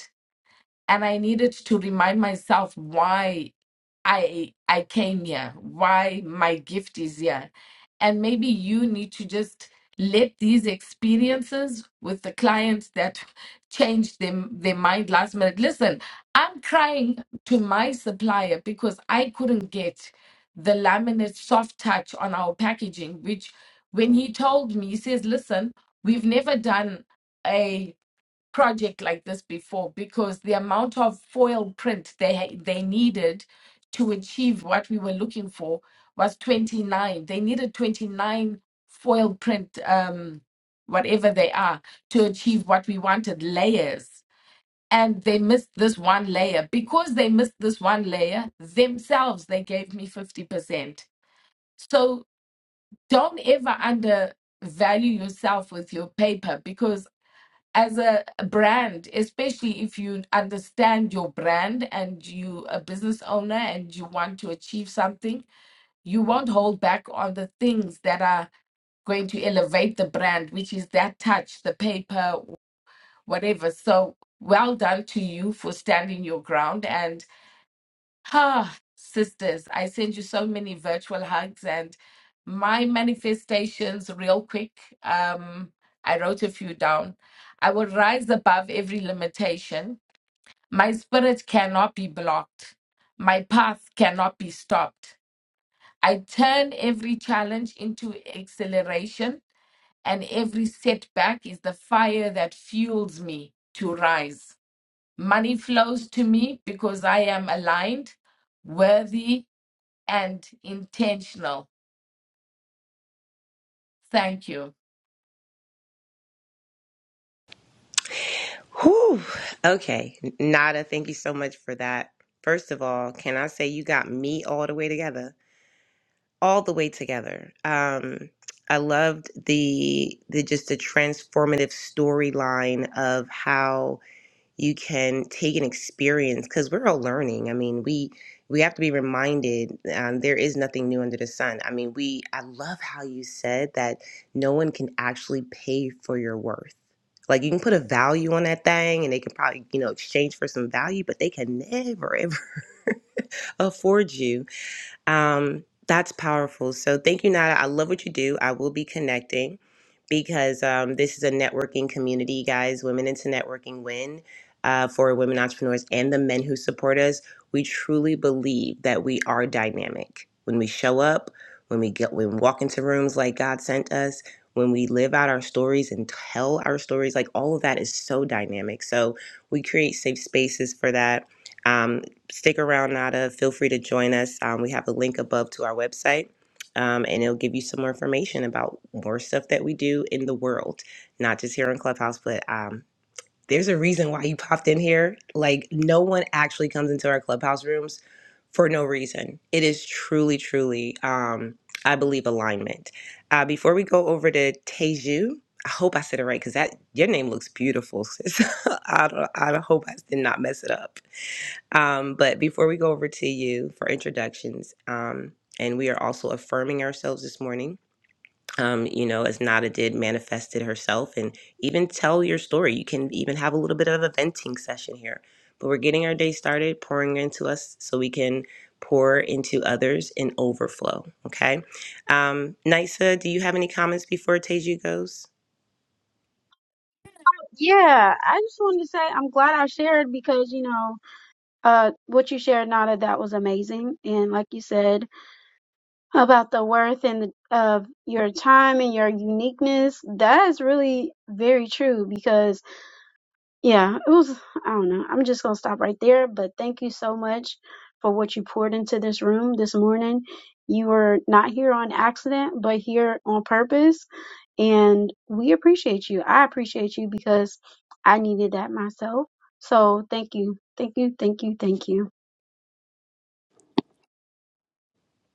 Speaker 4: and I needed to remind myself why I I came here, why my gift is here. And maybe you need to just let these experiences with the clients that changed them their mind last minute. Listen, I'm crying to my supplier because I couldn't get the laminate soft touch on our packaging, which when he told me, he says, listen, we've never done a." project like this before because the amount of foil print they ha- they needed to achieve what we were looking for was 29 they needed 29 foil print um whatever they are to achieve what we wanted layers and they missed this one layer because they missed this one layer themselves they gave me 50% so don't ever undervalue yourself with your paper because as a brand, especially if you understand your brand and you a business owner and you want to achieve something, you won't hold back on the things that are going to elevate the brand, which is that touch, the paper, whatever. So well done to you for standing your ground. and. Ah, sisters, I send you so many virtual hugs and my manifestations, real quick. Um, I wrote a few down. I will rise above every limitation. My spirit cannot be blocked. My path cannot be stopped. I turn every challenge into acceleration, and every setback is the fire that fuels me to rise. Money flows to me because I am aligned, worthy, and intentional. Thank you.
Speaker 2: Whew. Okay. Nada, thank you so much for that. First of all, can I say you got me all the way together? all the way together. Um, I loved the the just the transformative storyline of how you can take an experience because we're all learning. I mean, we we have to be reminded um, there is nothing new under the sun. I mean, we I love how you said that no one can actually pay for your worth. Like you can put a value on that thing, and they can probably you know exchange for some value, but they can never ever afford you um, that's powerful. So thank you, Nada. I love what you do. I will be connecting because um, this is a networking community, guys. Women into Networking Win uh, for women entrepreneurs and the men who support us. We truly believe that we are dynamic when we show up, when we get, when we walk into rooms like God sent us. When we live out our stories and tell our stories, like all of that is so dynamic. So we create safe spaces for that. Um, stick around, Nada. Feel free to join us. Um, we have a link above to our website, um, and it'll give you some more information about more stuff that we do in the world, not just here on Clubhouse, but um, there's a reason why you popped in here. Like, no one actually comes into our Clubhouse rooms for no reason. It is truly, truly, um, I believe, alignment. Uh, before we go over to Teju, I hope I said it right because that your name looks beautiful. Sis. I, don't, I hope I did not mess it up. Um, but before we go over to you for introductions, um, and we are also affirming ourselves this morning. Um, you know, as Nada did, manifested herself and even tell your story. You can even have a little bit of a venting session here. But we're getting our day started, pouring into us so we can pour into others in overflow. Okay. Um, Nisa, do you have any comments before Teju goes?
Speaker 1: Yeah, I just wanted to say I'm glad I shared because, you know, uh, what you shared, Nada, that was amazing. And like you said about the worth and the, of your time and your uniqueness, that is really very true because yeah, it was, I don't know. I'm just going to stop right there. But thank you so much for what you poured into this room this morning. You were not here on accident, but here on purpose. And we appreciate you. I appreciate you because I needed that myself. So thank you. Thank you. Thank you. Thank you.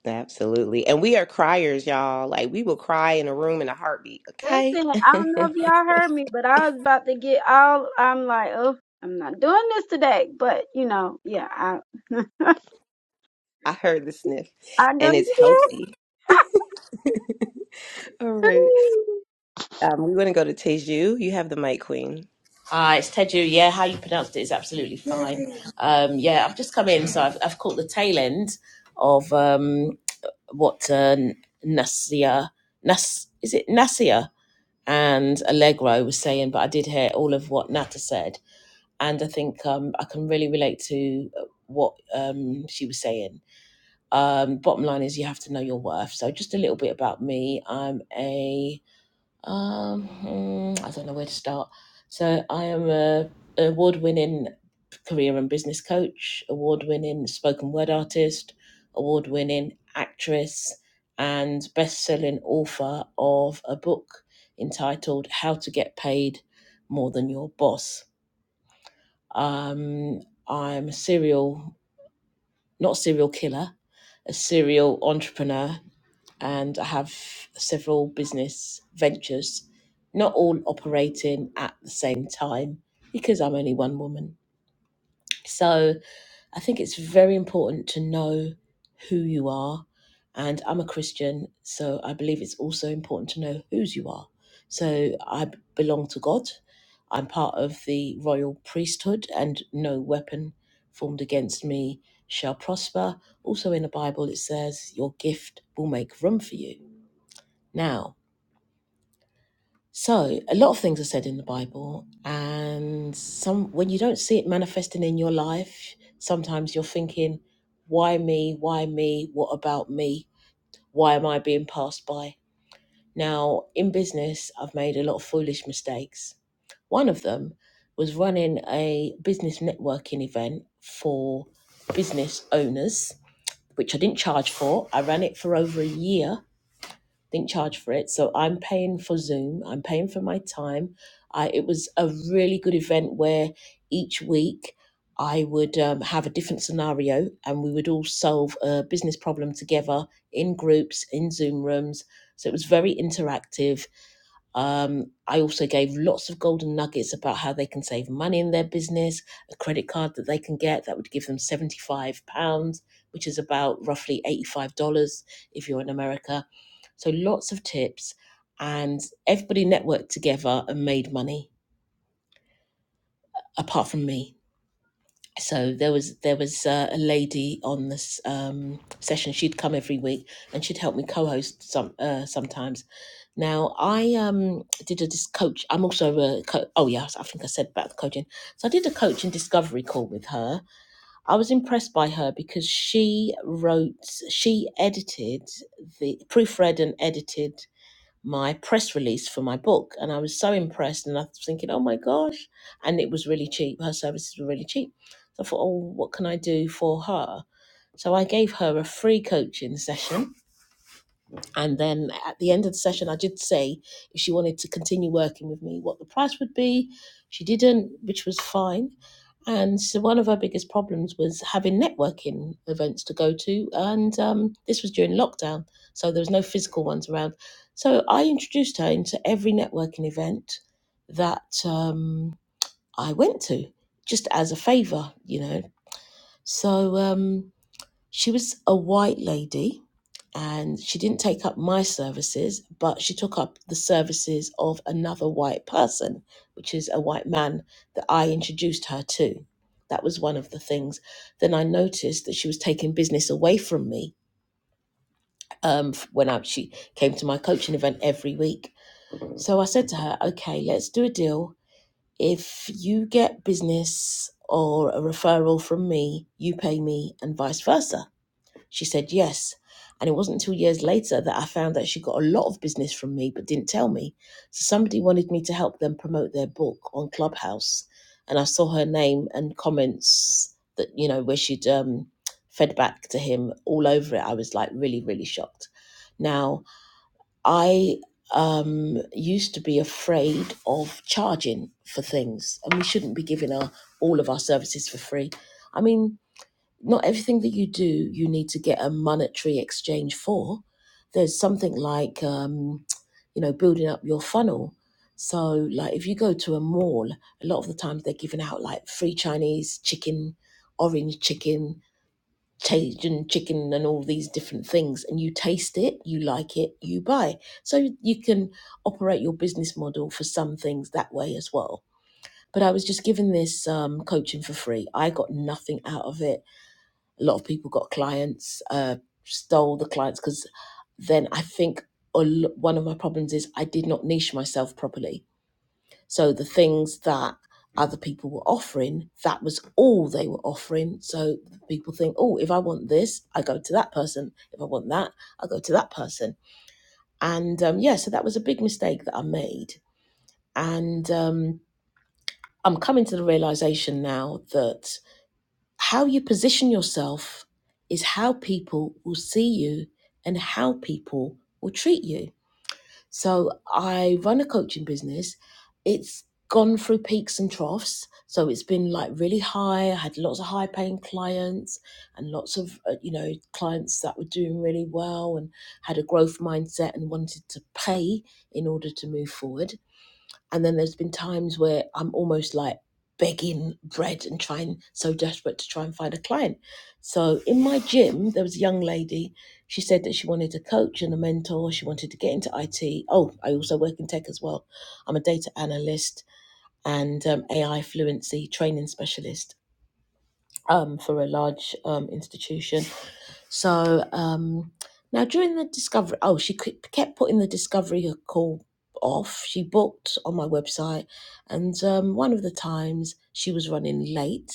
Speaker 2: Absolutely. And we are criers, y'all. Like we will cry in a room in a heartbeat. Okay.
Speaker 1: Listen, I don't know if y'all heard me, but I was about to get all, I'm like, oh, I'm not doing this today. But, you know, yeah, I,
Speaker 2: I heard the sniff,
Speaker 1: I know
Speaker 2: and it's
Speaker 1: you
Speaker 2: healthy. All
Speaker 1: did.
Speaker 2: right. Um, we want to go to Teju. You have the mic, Queen.
Speaker 5: Ah, uh, it's Teju. Yeah, how you pronounced it is absolutely fine.
Speaker 2: Yay!
Speaker 5: Um, yeah, I've just come in, so I've, I've caught the tail end of um, what uh, Nasia, Nas, is it Nasia and Allegro was saying, but I did hear all of what Nata said, and I think um, I can really relate to what um, she was saying. Um, bottom line is you have to know your worth. So just a little bit about me. I'm a um, mm, I don't know where to start. So I am a award-winning career and business coach, award-winning spoken word artist, award-winning actress, and best-selling author of a book entitled "How to Get Paid More Than Your Boss." Um, I'm a serial, not serial killer, a serial entrepreneur and I have several business ventures, not all operating at the same time because I'm only one woman. So I think it's very important to know who you are. And I'm a Christian, so I believe it's also important to know whose you are. So I b- belong to God. I'm part of the royal priesthood, and no weapon formed against me shall prosper. Also, in the Bible, it says, Your gift will make room for you. Now, so a lot of things are said in the Bible, and some when you don't see it manifesting in your life, sometimes you're thinking, why me? Why me? What about me? Why am I being passed by? Now, in business, I've made a lot of foolish mistakes. One of them was running a business networking event for business owners, which I didn't charge for. I ran it for over a year didn't charge for it. So I'm paying for Zoom. I'm paying for my time. I, it was a really good event where each week I would um, have a different scenario and we would all solve a business problem together in groups, in Zoom rooms. So it was very interactive um, I also gave lots of golden nuggets about how they can save money in their business, a credit card that they can get that would give them £75, which is about roughly $85 if you're in America. So lots of tips. And everybody networked together and made money, apart from me. So there was there was uh, a lady on this um, session. She'd come every week and she'd help me co-host some uh, sometimes now, I um did a dis- coach. I'm also a co- oh yes, I think I said about the coaching. So I did a coach and discovery call with her. I was impressed by her because she wrote, she edited the proofread and edited my press release for my book, and I was so impressed. And I was thinking, oh my gosh, and it was really cheap. Her services were really cheap. So I thought, oh, what can I do for her? So I gave her a free coaching session and then at the end of the session, I did say if she wanted to continue working with me, what the price would be. She didn't, which was fine. And so one of her biggest problems was having networking events to go to. And um, this was during lockdown. So there was no physical ones around. So I introduced her into every networking event that um, I went to just as a favor, you know. So um, she was a white lady and she didn't take up my services, but she took up the services of another white person, which is a white man that I introduced her to. That was one of the things. Then I noticed that she was taking business away from me um, f- when I, she came to my coaching event every week. So I said to her, okay, let's do a deal. If you get business or a referral from me, you pay me, and vice versa. She said yes. And it wasn't until years later that I found that she got a lot of business from me but didn't tell me. So somebody wanted me to help them promote their book on Clubhouse. And I saw her name and comments that, you know, where she'd um, fed back to him all over it. I was like really, really shocked. Now, I um, used to be afraid of charging for things, and we shouldn't be giving our all of our services for free. I mean, not everything that you do you need to get a monetary exchange for. There's something like um, you know building up your funnel. So like if you go to a mall, a lot of the times they're giving out like free Chinese chicken, orange chicken, Cajun chicken, and all these different things, and you taste it, you like it, you buy. So you can operate your business model for some things that way as well. But I was just given this um, coaching for free. I got nothing out of it a lot of people got clients, uh, stole the clients because then I think a l- one of my problems is I did not niche myself properly. So the things that other people were offering, that was all they were offering. So people think, oh, if I want this, I go to that person. If I want that, I go to that person. And um, yeah, so that was a big mistake that I made. And um, I'm coming to the realization now that How you position yourself is how people will see you and how people will treat you. So I run a coaching business. It's gone through peaks and troughs. So it's been like really high. I had lots of high paying clients and lots of, uh, you know, clients that were doing really well and had a growth mindset and wanted to pay in order to move forward. And then there's been times where I'm almost like begging bread and trying so desperate to try and find a client. So in my gym, there was a young lady. She said that she wanted a coach and a mentor. She wanted to get into IT. Oh, I also work in tech as well. I'm a data analyst and um, AI fluency training specialist um, for a large um, institution. So um, now during the discovery, oh, she ke- kept putting the discovery call off. She booked on my website, and um, one of the times she was running late,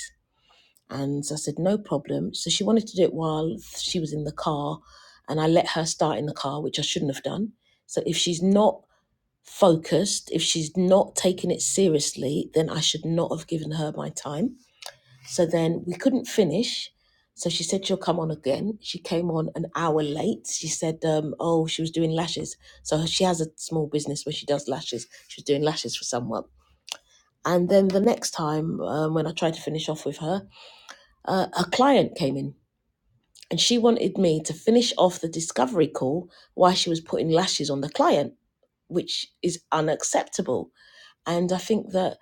Speaker 5: and I said no problem. So she wanted to do it while she was in the car, and I let her start in the car, which I shouldn't have done. So if she's not focused, if she's not taking it seriously, then I should not have given her my time. So then we couldn't finish. So she said she'll come on again. She came on an hour late. She said, um, oh, she was doing lashes. So she has a small business where she does lashes. She was doing lashes for someone. And then the next time um, when I tried to finish off with her, uh, her client came in and she wanted me to finish off the discovery call while she was putting lashes on the client, which is unacceptable. And I think that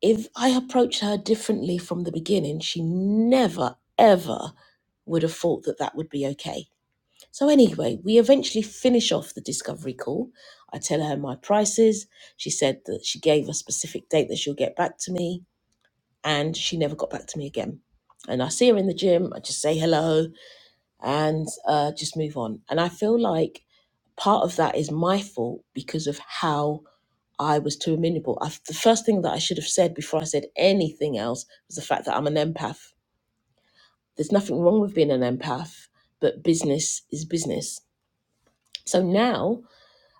Speaker 5: if I approached her differently from the beginning, she never, ever would have thought that that would be okay. So, anyway, we eventually finish off the discovery call. I tell her my prices. She said that she gave a specific date that she'll get back to me, and she never got back to me again. And I see her in the gym. I just say hello and uh, just move on. And I feel like part of that is my fault because of how I was too amenable. I, the first thing that I should have said before I said anything else was the fact that I'm an empath. There's nothing wrong with being an empath, but business is business. So now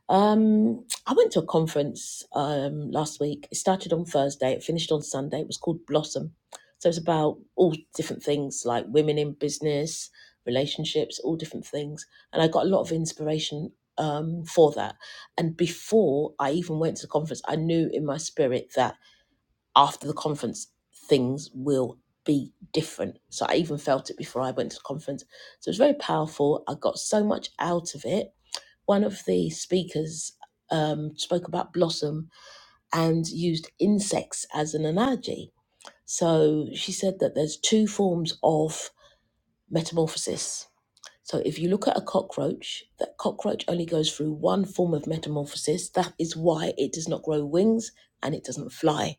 Speaker 5: um, I went to a conference um, last week. It started on Thursday, it finished on Sunday. It was called Blossom. So it's about all different things like women in business, relationships, all different things. And I got a lot of inspiration um, for that. And before I even went to the conference, I knew in my spirit that after the conference, things will be different. So I even felt it before I went to the conference. So it was very powerful. I got so much out of it one of the speakers um, spoke about blossom and used insects as an analogy. So she said that there's two forms of metamorphosis. So if you look at a cockroach, that cockroach only goes through one form of metamorphosis. That is why it does not grow wings and it doesn't fly.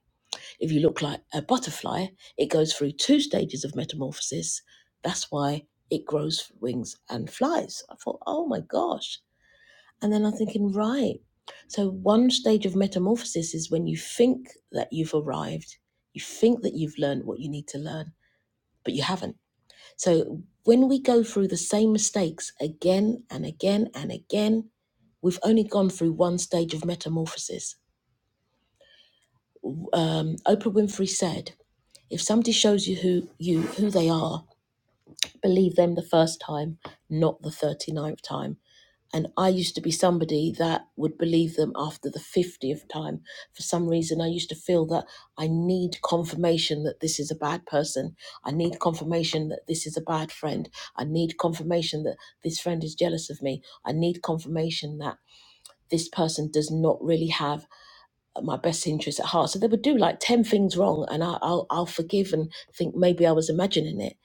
Speaker 5: If you look like a butterfly, it goes through two stages of metamorphosis. That's why it grows wings and flies. I thought, oh my gosh, and then I'm thinking, right. So one stage of metamorphosis is when you think that you've arrived, you think that you've learned what you need to learn, but you haven't. So when we go through the same mistakes again and again and again, we've only gone through one stage of metamorphosis. Um, Oprah Winfrey said, "If somebody shows you who you who they are, believe them the first time, not the 39th time." And I used to be somebody that would believe them after the 50th time. For some reason, I used to feel that I need confirmation that this is a bad person. I need confirmation that this is a bad friend. I need confirmation that this friend is jealous of me. I need confirmation that this person does not really have my best interests at heart. So they would do like 10 things wrong and I, I'll, I'll forgive and think maybe I was imagining it.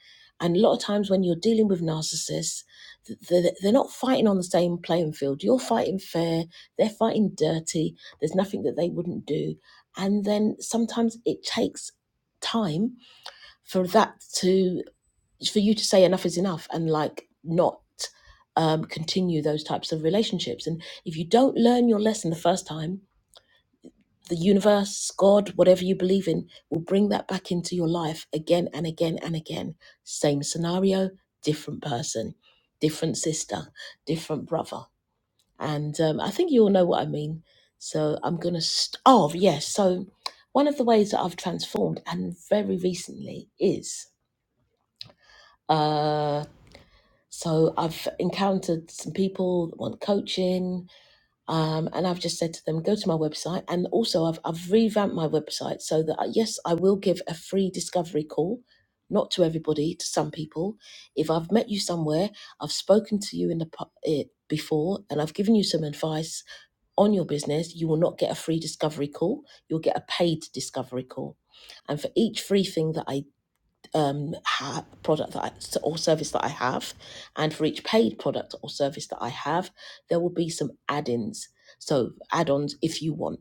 Speaker 5: And a lot of times when you're dealing with narcissists, th- they're, they're not fighting on the same playing field. You're fighting fair, they're fighting dirty, there's nothing that they wouldn't do. And then sometimes it takes time for that to, for you to say enough is enough and like not. Um, continue those types of relationships. And if you don't learn your lesson the first time, the universe, God, whatever you believe in, will bring that back into your life again and again and again. Same scenario, different person, different sister, different brother. And um, I think you all know what I mean. So I'm going to. St- oh, yes. So one of the ways that I've transformed and very recently is. Uh, so I've encountered some people that want coaching um, and I've just said to them, go to my website. And also, I've, I've revamped my website so that, uh, yes, I will give a free discovery call, not to everybody, to some people. If I've met you somewhere, I've spoken to you in the pu- eh, before, and I've given you some advice on your business, you will not get a free discovery call. You'll get a paid discovery call. And for each free thing that I um, ha- product that I or service that I have, and for each paid product or service that I have, there will be some add-ins. So add-ons if you want.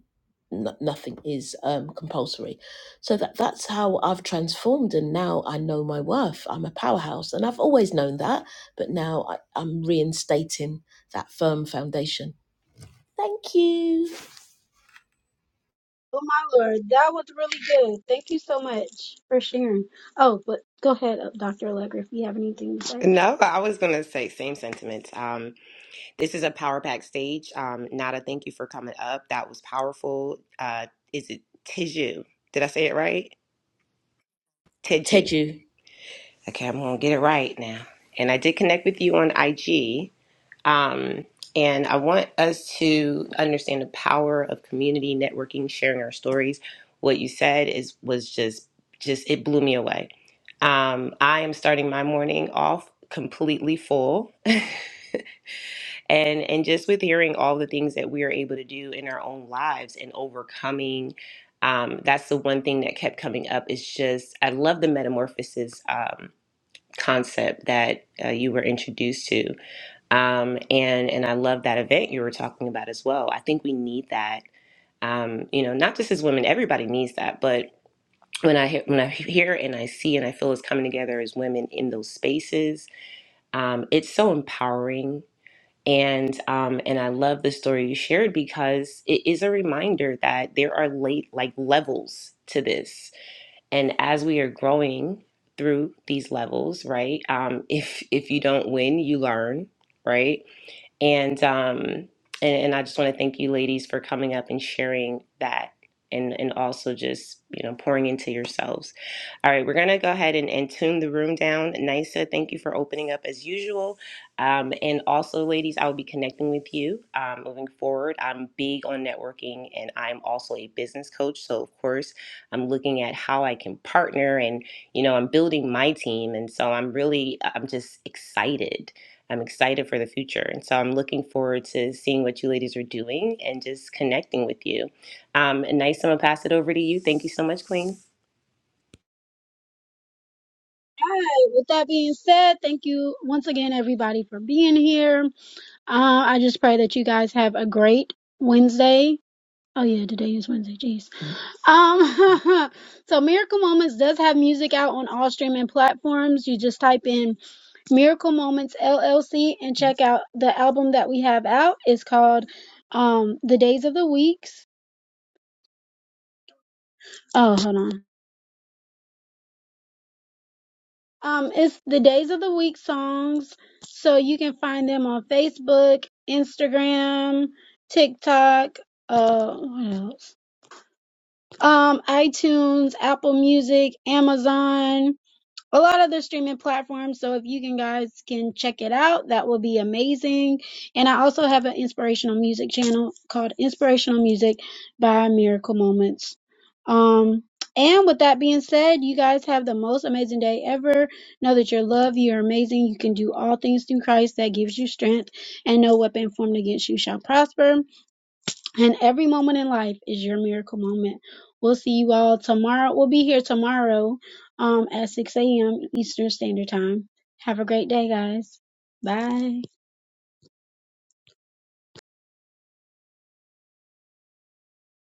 Speaker 5: No, nothing is um, compulsory. So that that's how I've transformed, and now I know my worth. I'm a powerhouse, and I've always known that, but now I, I'm reinstating that firm foundation. Thank you,
Speaker 1: Oh my lord, that was really good. Thank you so much for sharing. Oh, but go ahead, uh, Dr. Allegra, if you have anything to say. All
Speaker 2: No, I was gonna say same sentiments. Um, this is a power pack stage. Um, Nada, thank you for coming up. That was powerful. Uh, is it Teju? Did I say it right? Teju.
Speaker 5: Teju.
Speaker 2: Okay, I'm gonna get it right now. And I did connect with you on IG. Um, and I want us to understand the power of community networking, sharing our stories. What you said is was just just it blew me away. Um, I am starting my morning off completely full, and and just with hearing all the things that we are able to do in our own lives and overcoming. Um, that's the one thing that kept coming up. Is just I love the metamorphosis um, concept that uh, you were introduced to um, and and I love that event you were talking about as well. I think we need that. Um, you know, not just as women, everybody needs that. But when I hear, when I hear and I see and I feel us coming together as women in those spaces, um, it's so empowering. And um, and I love the story you shared because it is a reminder that there are late like levels to this, and as we are growing through these levels, right? Um, if if you don't win, you learn, right? And um, and, and I just want to thank you, ladies, for coming up and sharing that, and and also just you know pouring into yourselves. All right, we're gonna go ahead and, and tune the room down. Nisa, thank you for opening up as usual. Um, and also, ladies, I will be connecting with you um, moving forward. I'm big on networking, and I'm also a business coach. So of course, I'm looking at how I can partner and you know i'm building my team and so i'm really i'm just excited I'm excited for the future. And so I'm looking forward to seeing what you ladies are doing and just connecting with you. Um, and nice, I'm going to pass it over to you. Thank you so much, Queen.
Speaker 1: right. With that being said, thank you once again, everybody, for being here. Uh, I just pray that you guys have a great Wednesday. Oh yeah, today is Wednesday. Jeez. Um. so Miracle Moments does have music out on all streaming platforms. You just type in Miracle Moments LLC and check out the album that we have out. It's called um The Days of the Weeks Oh, hold on. Um, it's the Days of the Week songs. So you can find them on Facebook, Instagram, TikTok, uh what else? Um, iTunes, Apple Music, Amazon. a lot of the streaming platforms. So if you can guys can check it out, that will be amazing. And I also have an inspirational music channel called Inspirational Music by Miracle Moments. Um and with that being said, you guys have the most amazing day ever. Know that you're loved, you're amazing, you can do all things through Christ that gives you strength, and no weapon formed against you shall prosper. And every moment in life is your miracle moment. We'll see you all tomorrow. We'll be here tomorrow um, at 6 a.m. Eastern Standard Time. Have a great day, guys. Bye.